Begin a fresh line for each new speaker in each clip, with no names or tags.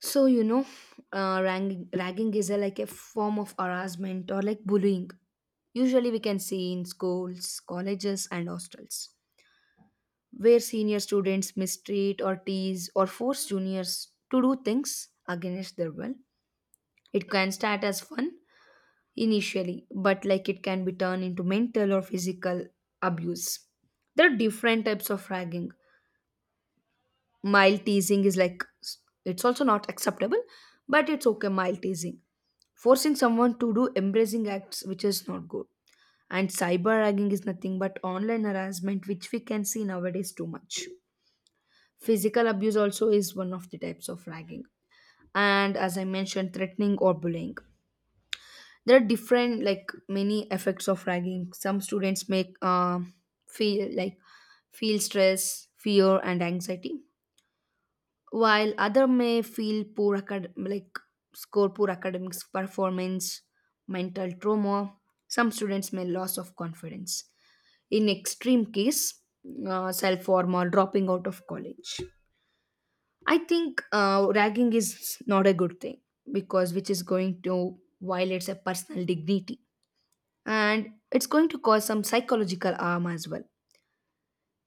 So you know, ragging is like a form of harassment or like bullying. Usually, we can see in schools, colleges, and hostels, where senior students mistreat or tease or force juniors to do things against their will. It can start as fun initially, but like it can be turned into mental or physical abuse. There are different types of ragging. Mild teasing is like it's also not acceptable, but it's okay. Mild teasing forcing someone to do embracing acts which is not good. And cyber ragging is nothing but online harassment which we can see nowadays too much. Physical abuse also is one of the types of ragging, and as I mentioned, threatening or bullying. There are different like many effects of ragging. Some students make feel like feel stress, fear and anxiety, while other may feel poor acad- like score poor academics performance, mental trauma. Some students may loss of confidence. In extreme case, self harm or dropping out of college. I think ragging is not a good thing because which is going to violates a personal dignity, and it's going to cause some psychological harm as well,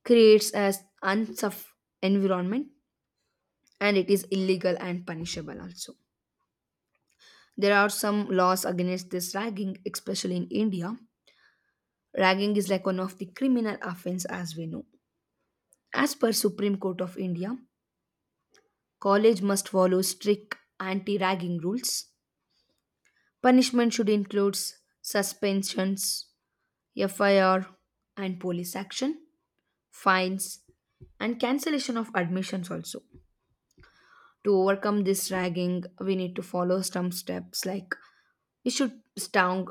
creates as unsafe environment, and it is illegal and punishable also. There are some laws against this ragging, especially in India. Ragging is like one of the criminal offense, as we know. As per Supreme Court of India, college must follow strict anti-ragging rules. Punishment should include suspensions, FIR and police action, fines and cancellation of admissions also. To overcome this ragging, we need to follow some steps like we should strong,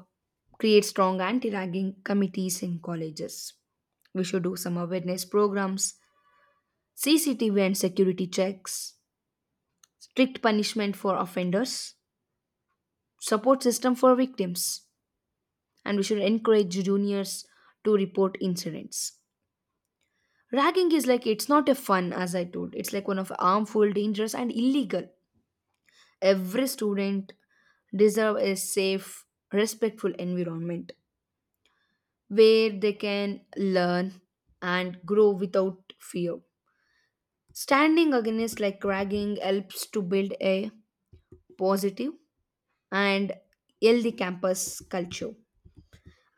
create strong anti-ragging committees in colleges. We should do some awareness programs, CCTV and security checks, strict punishment for offenders, support system for victims, and we should encourage juniors to report incidents. Ragging is like it's not a fun, as I told. It's like one of harmful, dangerous, and illegal. Every student deserve a safe, respectful environment, where they can learn and grow without fear. Standing against like ragging helps to build a positive and healthy campus culture.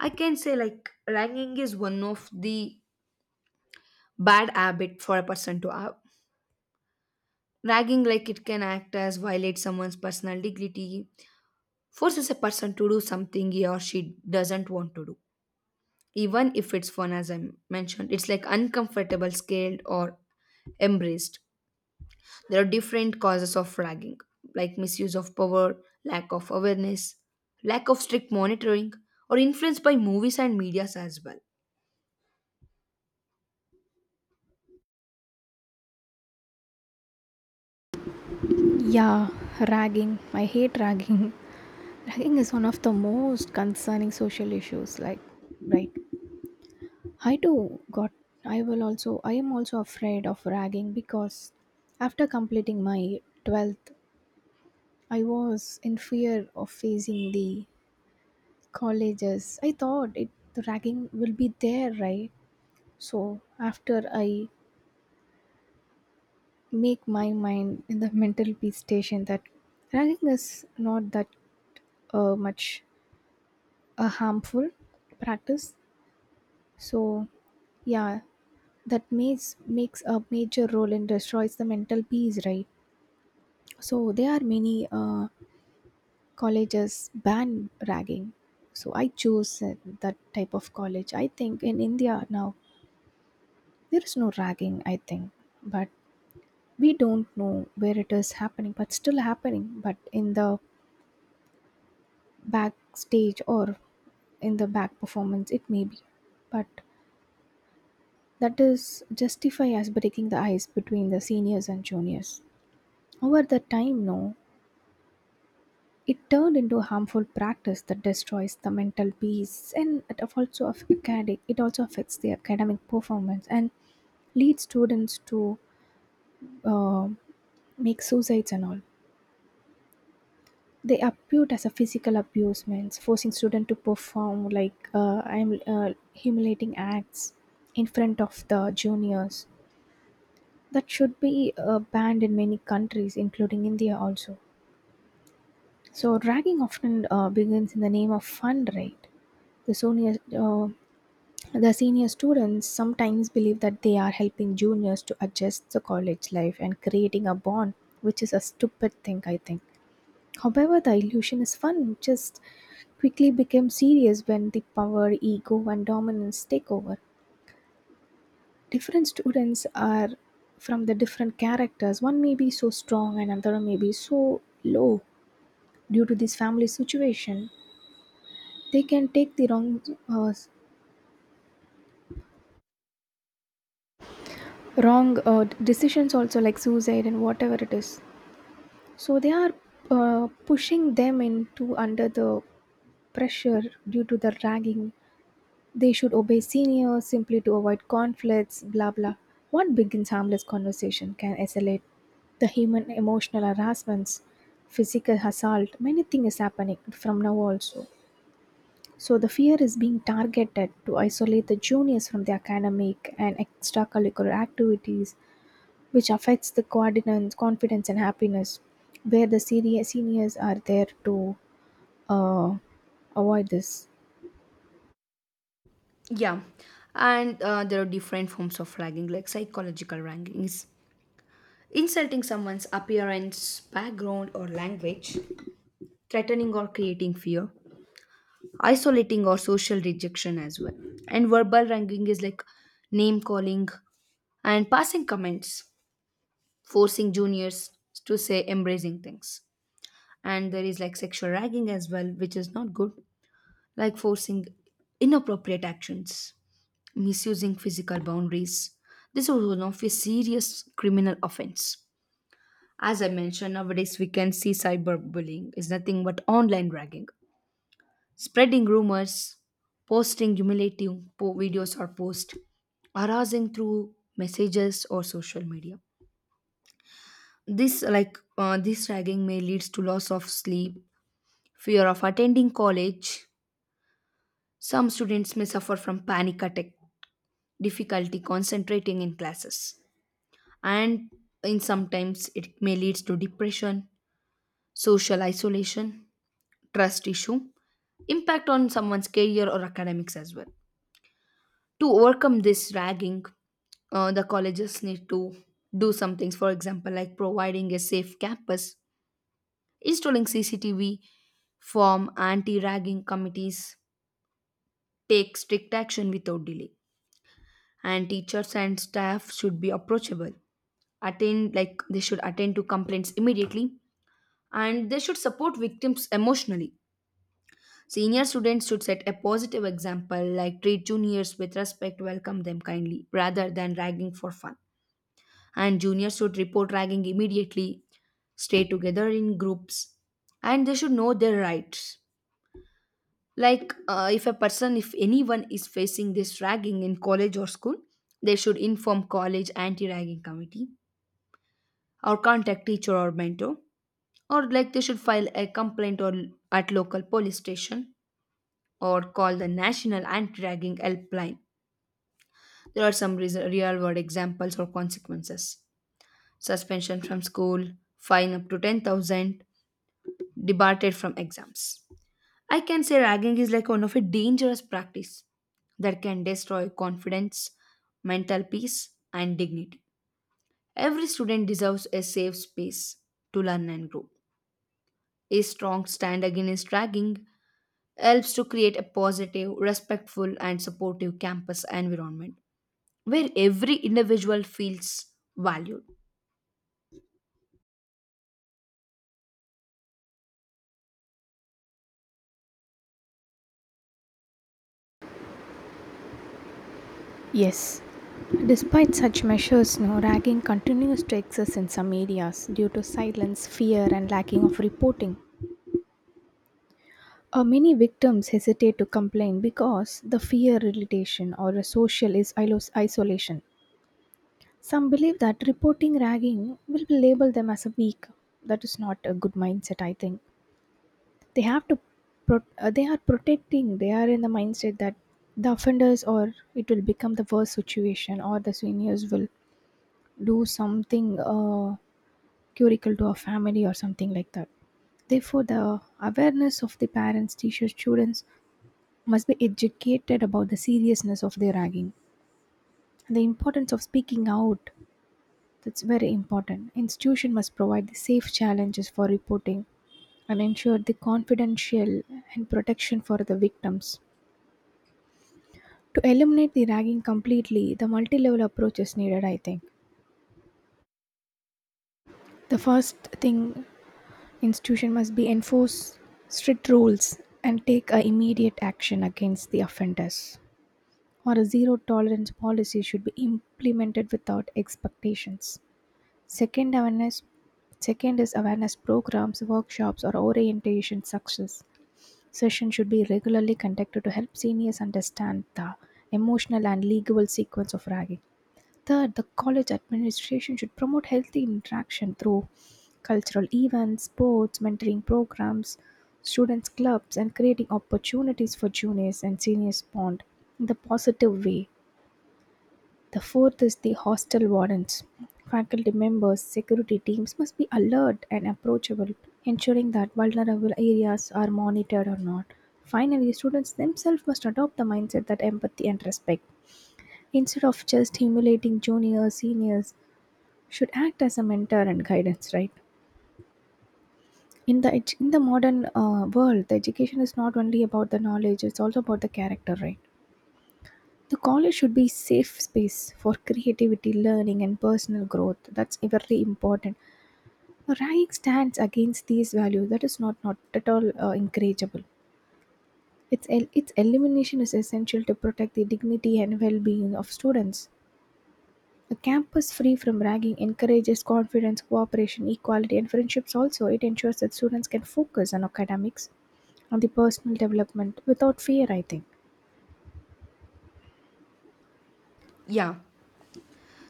I can say like ragging is one of the bad habit for a person to have. Ragging like it can act as violate someone's personal dignity, forces a person to do something he or she doesn't want to do. Even if it's fun, as I mentioned, it's like uncomfortable, scared or embraced. There are different causes of ragging, like misuse of power, lack of awareness, lack of strict monitoring, or influence by movies and medias as well.
Yeah, ragging. I hate ragging. Ragging is one of the most concerning social issues. Right. I too got. I will also. I am also afraid of ragging because after completing my 12th, I was in fear of facing the colleges. I thought it the ragging will be there, right? So after I make my mind in the mental peace station that ragging is not that much a harmful practice, so yeah, that makes a major role and destroys the mental peace, right? So there are many colleges ban ragging, so I chose that type of college. I think in India now there is no ragging, I think, but we don't know where it is happening, but still happening, but in the backstage or in the back performance it may be, but that is justify as breaking the ice between the seniors and juniors. Over the time, no, it turned into a harmful practice that destroys the mental peace and it af- also aff- academic. It also affects the academic performance and leads students to uh, make suicides and all. They appeared as a physical abusements, forcing students to perform like I'm humiliating acts in front of the juniors. That should be banned in many countries, including India also. So ragging often begins in the name of fun, right? The senior, uh, the senior students sometimes believe that they are helping juniors to adjust the college life and creating a bond, which is a stupid thing, I think. However, the illusion is fun, just quickly becomes serious when the power, ego, and dominance take over. Different students are from the different characters. One may be so strong and another may be so low. Due to this family situation, they can take the uh, wrong decisions also, like suicide and whatever it is. So they are pushing them into under the pressure due to the ragging. They should obey seniors simply to avoid conflicts, blah blah. What begins harmless conversation can escalate the human emotional harassments, physical assault. Many things is happening from now also. So the fear is being targeted to isolate the juniors from the academic and extracurricular activities, which affects the coordinates, confidence and happiness, where the senior seniors are there to uh, avoid this.
Yeah, and there are different forms of ragging, like psychological ragging is insulting someone's appearance, background, or language, threatening or creating fear, isolating or social rejection as well. And verbal ragging is like name calling and passing comments, forcing juniors to say embracing things. And there is like sexual ragging as well, which is not good, like forcing inappropriate actions, misusing physical boundaries. This is one of a serious criminal offense. As I mentioned, nowadays we can see cyberbullying is nothing but online ragging, spreading rumors, posting videos or posts, harassing through messages or social media. This ragging may leads to loss of sleep, fear of attending college. Some students may suffer from panic attack, difficulty concentrating in classes, and in sometimes it may lead to depression, social isolation, trust issue, impact on someone's career or academics as well. To overcome this ragging, the colleges need to do some things, for example, like providing a safe campus, installing CCTV, form anti ragging committees, take strict action without delay. And teachers and staff should be approachable, attend like they should attend to complaints immediately, and they should support victims emotionally. Senior students should set a positive example, like treat juniors with respect, welcome them kindly rather than ragging for fun. And juniors should report ragging immediately, stay together in groups, and they should know their rights. If a person if anyone is facing this ragging in college or school, they should inform college anti-ragging committee, or contact teacher or mentor, or like they should file a complaint or at local police station, or call the national anti-dragging helpline. There are some real world examples or consequences: suspension from school, fine up to 10,000, debarred from exams. I can say ragging is like one of a dangerous practice that can destroy confidence, mental peace and dignity. Every student deserves a safe space to learn and grow. A strong stand against ragging helps to create a positive, respectful, and supportive campus environment where every individual feels valued.
Yes. Despite such measures, no ragging continues to exist in some areas due to silence, fear, and lacking of reporting. Many victims hesitate to complain because the fear relation or a social isolation. Some believe that reporting ragging will label them as a weak. That is not a good mindset, I think. They have to, they are protecting. They are in the mindset that the offenders or it will become the worst situation or the seniors will do something curricle to a family or something like that. Therefore, the awareness of the parents, teachers, students must be educated about the seriousness of the ragging and the importance of speaking out. That's very important. Institution must provide the safe challenges for reporting and ensure the confidential and protection for the victims. To eliminate the ragging completely, the multi-level approach is needed, I think. The first thing, Institution must be enforce strict rules and take immediate action against the offenders. Or a zero tolerance policy should be implemented without expectations. Second awareness Second is awareness programs, workshops or orientation success. Sessions should be regularly conducted to help seniors understand the emotional and legal sequence of ragging. Third, the college administration should promote healthy interaction through cultural events, sports, mentoring programs, students' clubs, and creating opportunities for juniors and seniors bond in the positive way. The fourth is the hostel wardens. Faculty members, security teams must be alert and approachable, ensuring that vulnerable areas are monitored or not. Finally, students themselves must adopt the mindset that empathy and respect, instead of just humiliating juniors, seniors, should act as a mentor and guidance, right? In the modern world, the education is not only about the knowledge, it's also about the character, right? The college should be safe space for creativity, learning and personal growth. That's very important. A rank stands against these values, that is not at all encourageable. Its elimination is essential to protect the dignity and well-being of students. A campus free from ragging encourages confidence, cooperation, equality, and friendships also. It ensures that students can focus on academics and the personal development without fear, I think.
Yeah,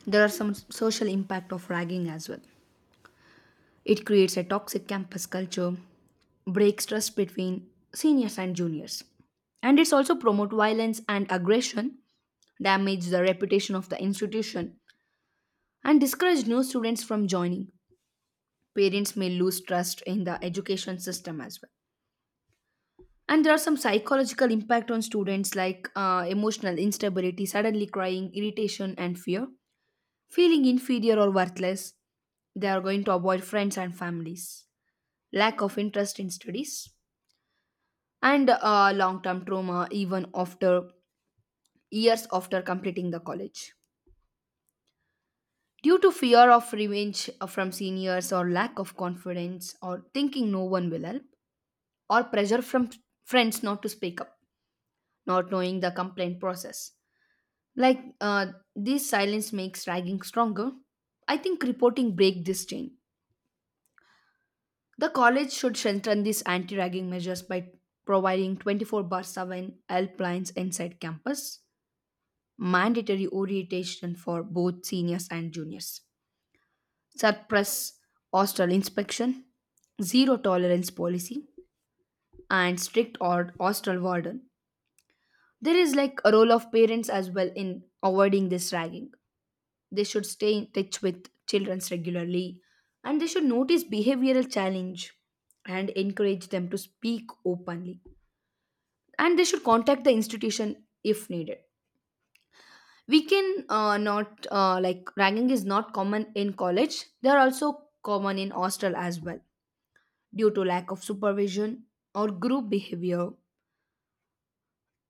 there are some social impact of ragging as well. It creates a toxic campus culture, breaks trust between seniors and juniors, and it's also promote violence and aggression, damage the reputation of the institution, and discourage new students from joining. Parents may lose trust in the education system as well. And there are some psychological impact on students, like emotional instability, suddenly crying, irritation and fear, feeling inferior or worthless. They are going to avoid friends and families, lack of interest in studies, and long-term trauma even after years after completing the college, due to fear of revenge from seniors, or lack of confidence, or thinking no one will help, or pressure from friends not to speak up, not knowing the complaint process. Like uh, this silence makes ragging stronger. I think reporting break this chain. The college should strengthen these anti-ragging measures by providing 24 bar 7 helplines inside campus, mandatory orientation for both seniors and juniors, suppress hostel inspection, zero tolerance policy, and strict or hostel warden. There is like a role of parents as well in avoiding this ragging. They should stay in touch with children regularly, and they should notice behavioral challenge, and encourage them to speak openly, and they should contact the institution if needed. We can not like ragging is not common in college, they are also common in hostel as well, due to lack of supervision, or group behavior,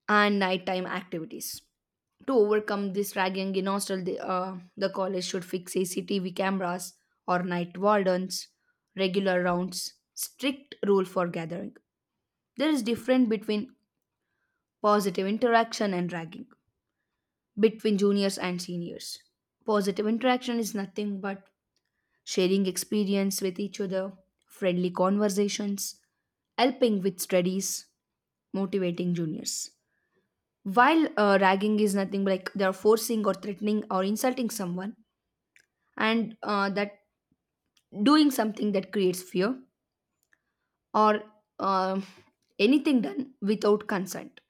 and nighttime activities. To overcome this ragging in hostel, the college should fix CCTV cameras or night wardens, regular rounds, strict rule for gathering. There is difference between positive interaction and ragging between juniors and seniors. Positive interaction is nothing but sharing experience with each other, friendly conversations, helping with studies, motivating juniors. While ragging is nothing but like they are forcing or threatening or insulting someone, and that doing something that creates fear or uh, anything done without consent.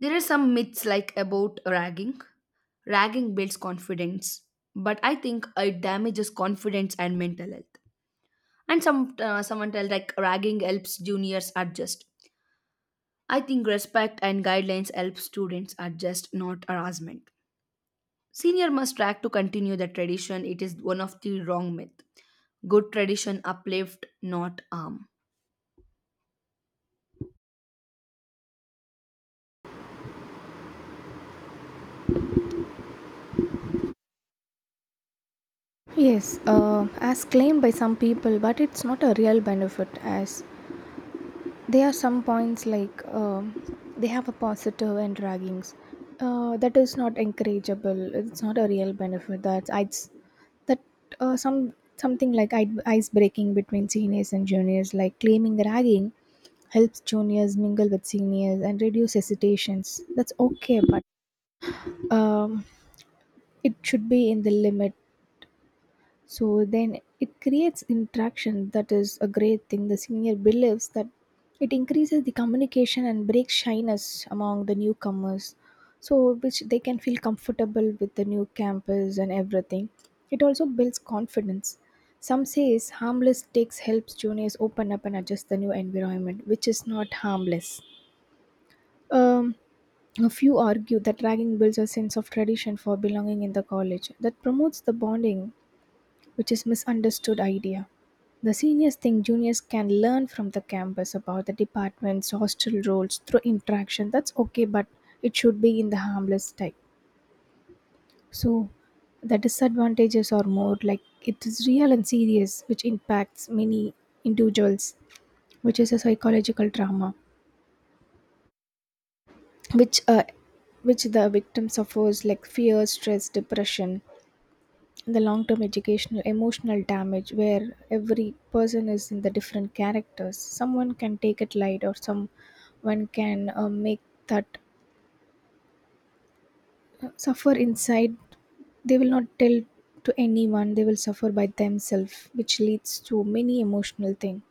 There are some myths like about ragging. Ragging builds confidence, but I think it damages confidence and mental health. And someone tell like ragging helps juniors adjust. I think respect and guidelines help students adjust, not harassment. Senior must track to continue the tradition. It is one of the wrong myth. Good tradition uplift, not harm.
Yes, as claimed by some people, but it's not a real benefit as there are some points like they have a positive and draggings. That is not encourageable. It's not a real benefit. That I that Some something like ice breaking between seniors and juniors, like claiming ragging, helps juniors mingle with seniors and reduce hesitations. That's okay, but um, it should be in the limit. So then it creates interaction. That is a great thing. The senior believes that it increases the communication and breaks shyness among the newcomers, so which they can feel comfortable with the new campus and everything. It also builds confidence. Some says harmless takes helps juniors open up and adjust the new environment, which is not harmless. Um, a few argue that ragging builds a sense of tradition for belonging in the college that promotes the bonding, which is misunderstood idea. The seniors think juniors can learn from the campus about the department's hostel roles through interaction. That's okay, but it should be in the harmless type. So the disadvantages are more like it is real and serious, which impacts many individuals, which is a psychological trauma, which uh, which the victim suffers like fear, stress, depression, the long term educational emotional damage, where every person is in the different characters. Someone can take it light or someone can make that suffer inside. They will not tell to anyone. They will suffer by themselves, which leads to many emotional thing.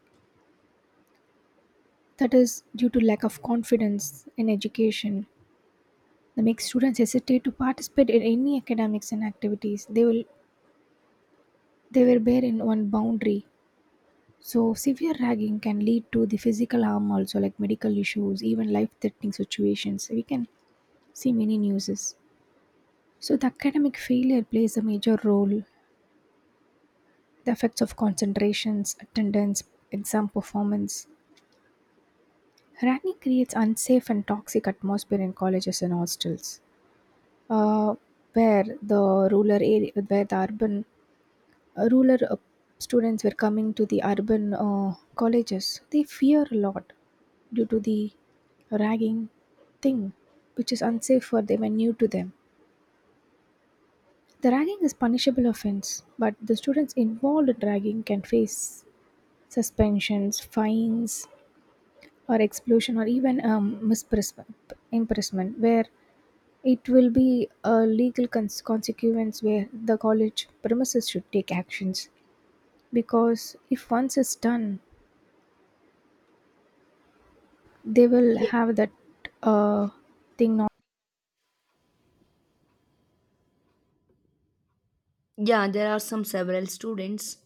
That is due to lack of confidence in education. That makes students hesitate to participate in any academics and activities. They were bare in one boundary. So severe ragging can lead to the physical harm also, like medical issues, even life-threatening situations. We can see many newses. So the academic failure plays a major role. The effects of concentrations, attendance, exam performance. Ragging creates unsafe and toxic atmosphere in colleges and hostels, uh, where the rural students were coming to the urban colleges. They fear a lot due to the ragging thing, which is unsafe for them and new to them. The ragging is punishable offense, but the students involved in ragging can face suspensions, fines or expulsion or even imprisonment, where it will be a legal consequence, where the college premises should take actions, because if once it's done, they will
Yeah.
have that uh, thing not.
Yeah, there are some several students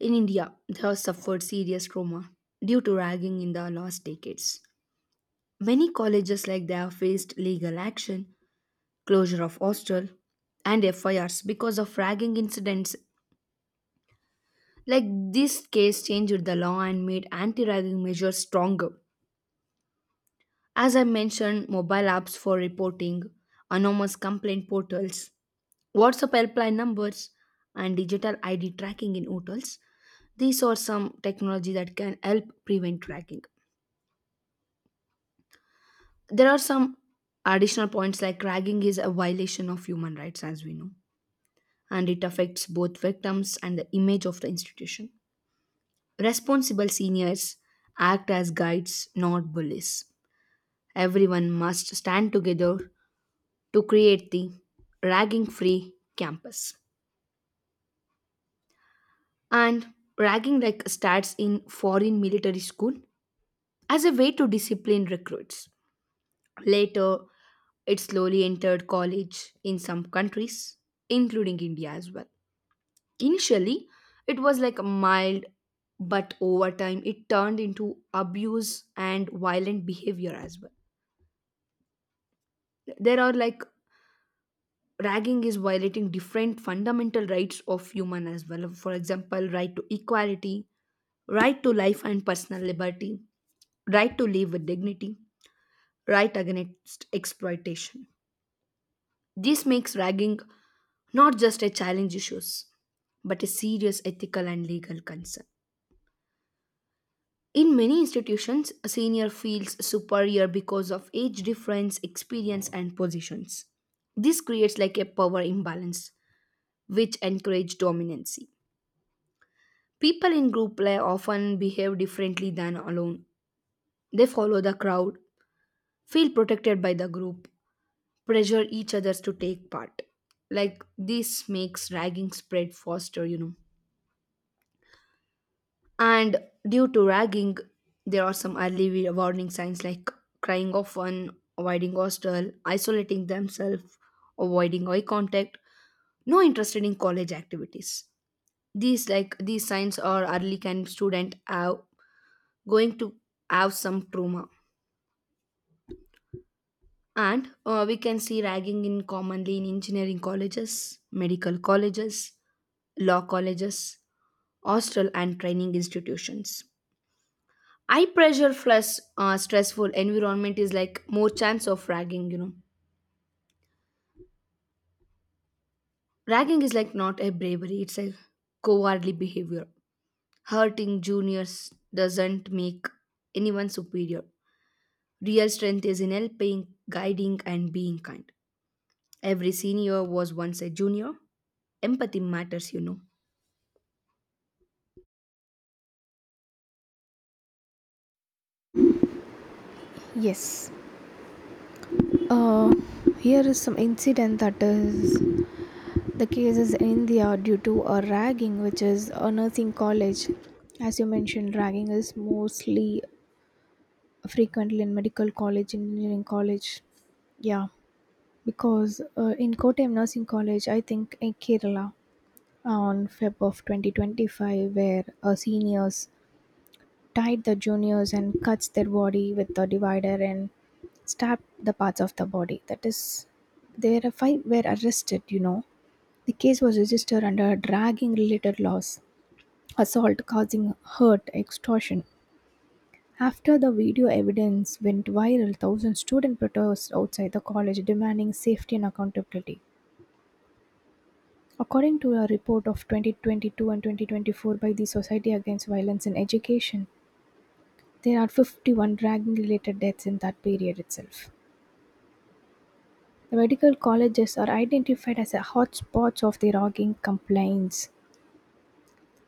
in India who have suffered serious trauma due to ragging in the last decades. Many colleges like they have faced legal action, closure of hostel, and FIRs because of ragging incidents. Like this case changed the law and made anti-ragging measures stronger. As I mentioned, mobile apps for reporting, anonymous complaint portals, WhatsApp helpline numbers, and digital ID tracking in hotels. These are some technology that can help prevent tracking. There are some additional points like ragging is a violation of human rights, as we know, and it affects both victims and the image of the institution. Responsible seniors act as guides, not bullies. Everyone must stand together to create the ragging free campus. And ragging like starts in foreign military school as a way to discipline recruits. Later, it slowly entered college in some countries, including India as well. Initially, it was like mild, but over time, it turned into abuse and violent behavior as well. There are like ragging is violating different fundamental rights of human as well, for example right to equality, right to life and personal liberty, right to live with dignity, right against exploitation. This makes ragging not just a challenge issues but a serious ethical and legal concern. In many institutions, a senior feels superior because of age difference, experience and positions. This creates like a power imbalance, which encourage dominancy. People in group play often behave differently than alone. They follow the crowd, feel protected by the group, pressure each others to take part. Like this makes ragging spread faster, you know. And due to ragging, there are some early warning signs like crying often, avoiding hostel, isolating themselves, avoiding eye contact, no interest in college activities. These like these signs are early can student have going to have some trauma. And we can see ragging in commonly in engineering colleges, medical colleges, law colleges, hostel and training institutions. High pressure plus stressful environment is like more chance of ragging, you know. Ragging is like not a bravery, it's a cowardly behavior. Hurting juniors doesn't make anyone superior. Real strength is in helping, guiding, and being kind. Every senior was once a junior. Empathy matters, you know.
Yes, uh, here is some incident. That is, the case is in India due to a ragging, which is a nursing college. As you mentioned, ragging is mostly frequently in medical college, engineering college. Yeah, because in Kottayam nursing college, I think in Kerala, on Feb of 2025, where seniors tied the juniors and cuts their body with the divider and stabbed the parts of the body. That is, their five were arrested, you know. The case was registered under dragging related laws, assault causing hurt, extortion. After the video evidence went viral, thousands students protested outside the college demanding safety and accountability. According to a report of 2022 and 2024 by the Society Against Violence in Education, there are 51 dragging related deaths in that period itself. The medical colleges are identified as a hotspots of the ragging complaints.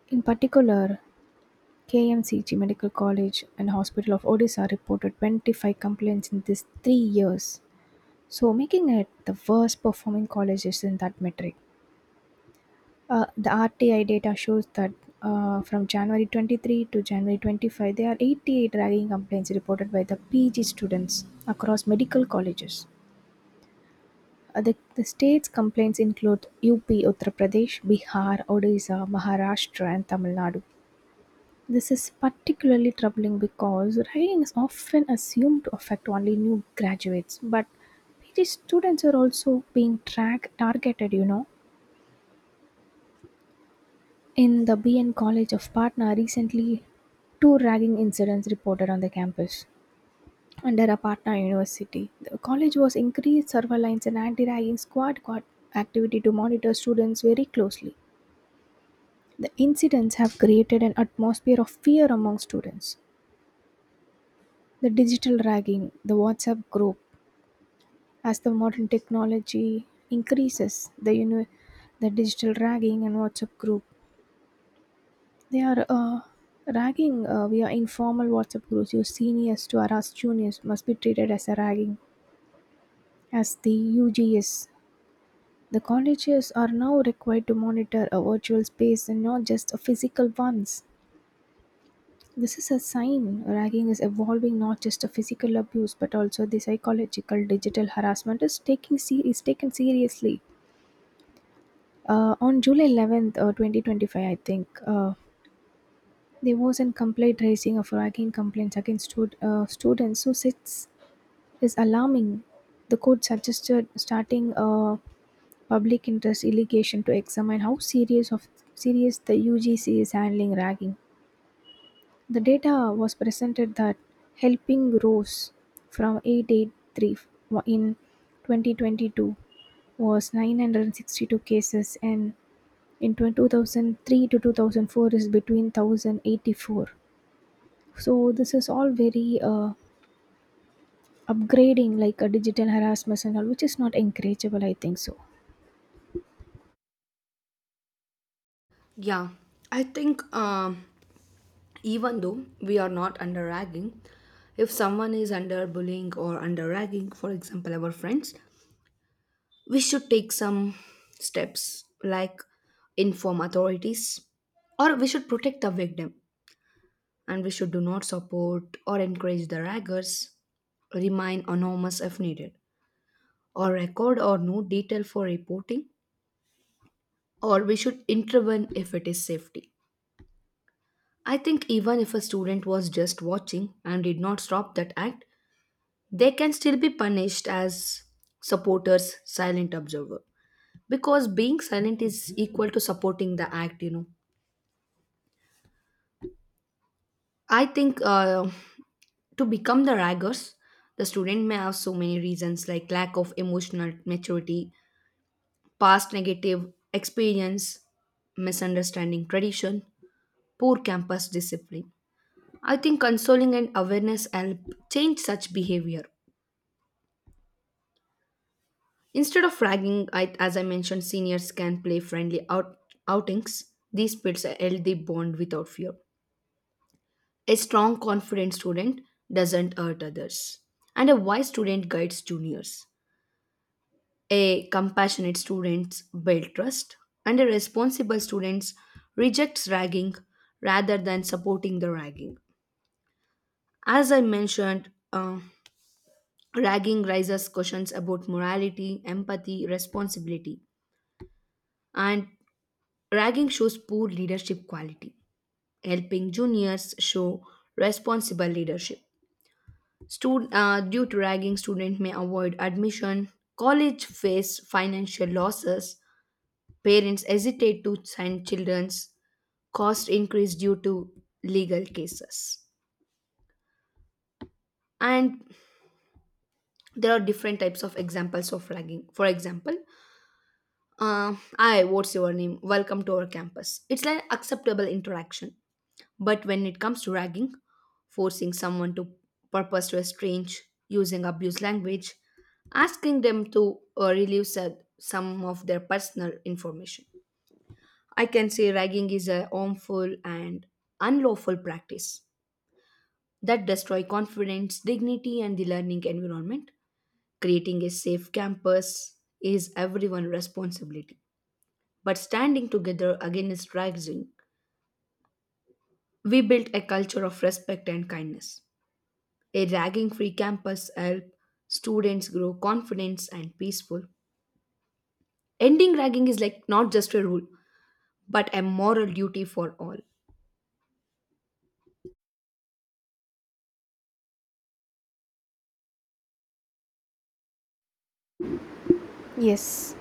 In particular, KMCG Medical College and Hospital of Odisha reported 25 complaints in these 3 years, so making it the worst performing colleges in that metric. The RTI data shows that from January 23 to January 25, there are 88 ragging complaints reported by the PG students across medical colleges. The state's complaints include UP, Uttar Pradesh, Bihar, Odisha, Maharashtra and Tamil Nadu. This is particularly troubling because writing is often assumed to affect only new graduates, but PG students are also being track targeted, you know. In the BN College of Patna recently, two ragging incidents reported on the campus. Under a Patna University, the college was increased surveillance and anti-ragging squad activity to monitor students very closely. The incidents have created an atmosphere of fear among students. The digital ragging, the WhatsApp group, As the modern technology increases, the uni- the digital ragging and WhatsApp group, they are ragging via informal WhatsApp groups. Your seniors to harass juniors must be treated as a ragging, as the UGS. The colleges are now required to monitor a virtual space and not just a physical ones. This is a sign ragging is evolving not just a physical abuse, but also the psychological digital harassment is is taken seriously. On July 11th, 2025, I think, there was a complaint raising of ragging complaints against students. So sits is alarming. The court suggested starting a public interest litigation to examine how serious of serious the UGC is handling ragging. The data was presented that helping rose from 883 in 2022 was 962 cases, and in 2003 to 2004 is between 1084. So this is all very upgrading like a digital harassment and all, which is not encourageable, I think so.
Yeah, I think even though we are not under ragging, if someone is under bullying or under ragging, for example, our friends, we should take some steps like inform authorities, or we should protect the victim, and we should do not support or encourage the raggers, remain anonymous if needed, or record or note detail for reporting, or we should intervene if it is safety. I think even if a student was just watching and did not stop that act, they can still be punished as supporters, silent observer. Because being silent is equal to supporting the act, you know. I think to become the raggers, the student may have so many reasons like lack of emotional maturity, past negative experience, misunderstanding tradition, poor campus discipline. I think consoling and awareness help change such behavior. Instead of ragging, I, as I mentioned, seniors can play outings. These builds a healthy bond without fear. A strong, confident student doesn't hurt others, and a wise student guides juniors. A compassionate student builds trust, and a responsible student rejects ragging rather than supporting the ragging. As I mentioned, ragging raises questions about morality, empathy, responsibility, and ragging shows poor leadership quality. Helping juniors show responsible leadership. Due to ragging, student may avoid admission. College face financial losses. Parents hesitate to send children's cost increase due to legal cases. And there are different types of examples of ragging. For example, hi, what's your name? Welcome to our campus. It's like acceptable interaction. But when it comes to ragging, forcing someone to purpose to estrange, using abuse language, asking them to some of their personal information. I can say ragging is a harmful and unlawful practice that destroy confidence, dignity, and the learning environment. Creating a safe campus is everyone's responsibility, but standing together against ragging, we built a culture of respect and kindness. A ragging free campus helped students grow confident and peaceful. Ending ragging is like not just a rule, but a moral duty for all.
Yes,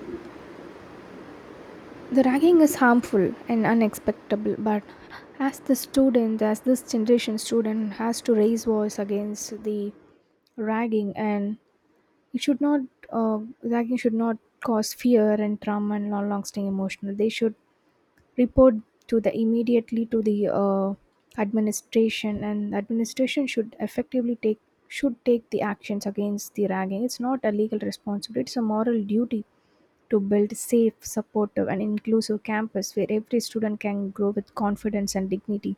the ragging is harmful and unacceptable, but as the student, as this generation student has to raise voice against the ragging, and it should not, ragging should not cause fear and trauma and long-lasting emotional. They should report to the immediately to the administration, and administration should take the actions against the ragging. It's not a legal responsibility; it's a moral duty to build safe, supportive, and inclusive campus where every student can grow with confidence and dignity.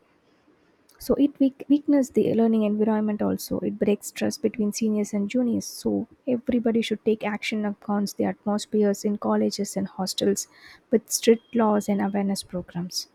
So it weakens the learning environment also. It breaks trust between seniors and juniors. So everybody should take action against the atmospheres in colleges and hostels with strict laws and awareness programs.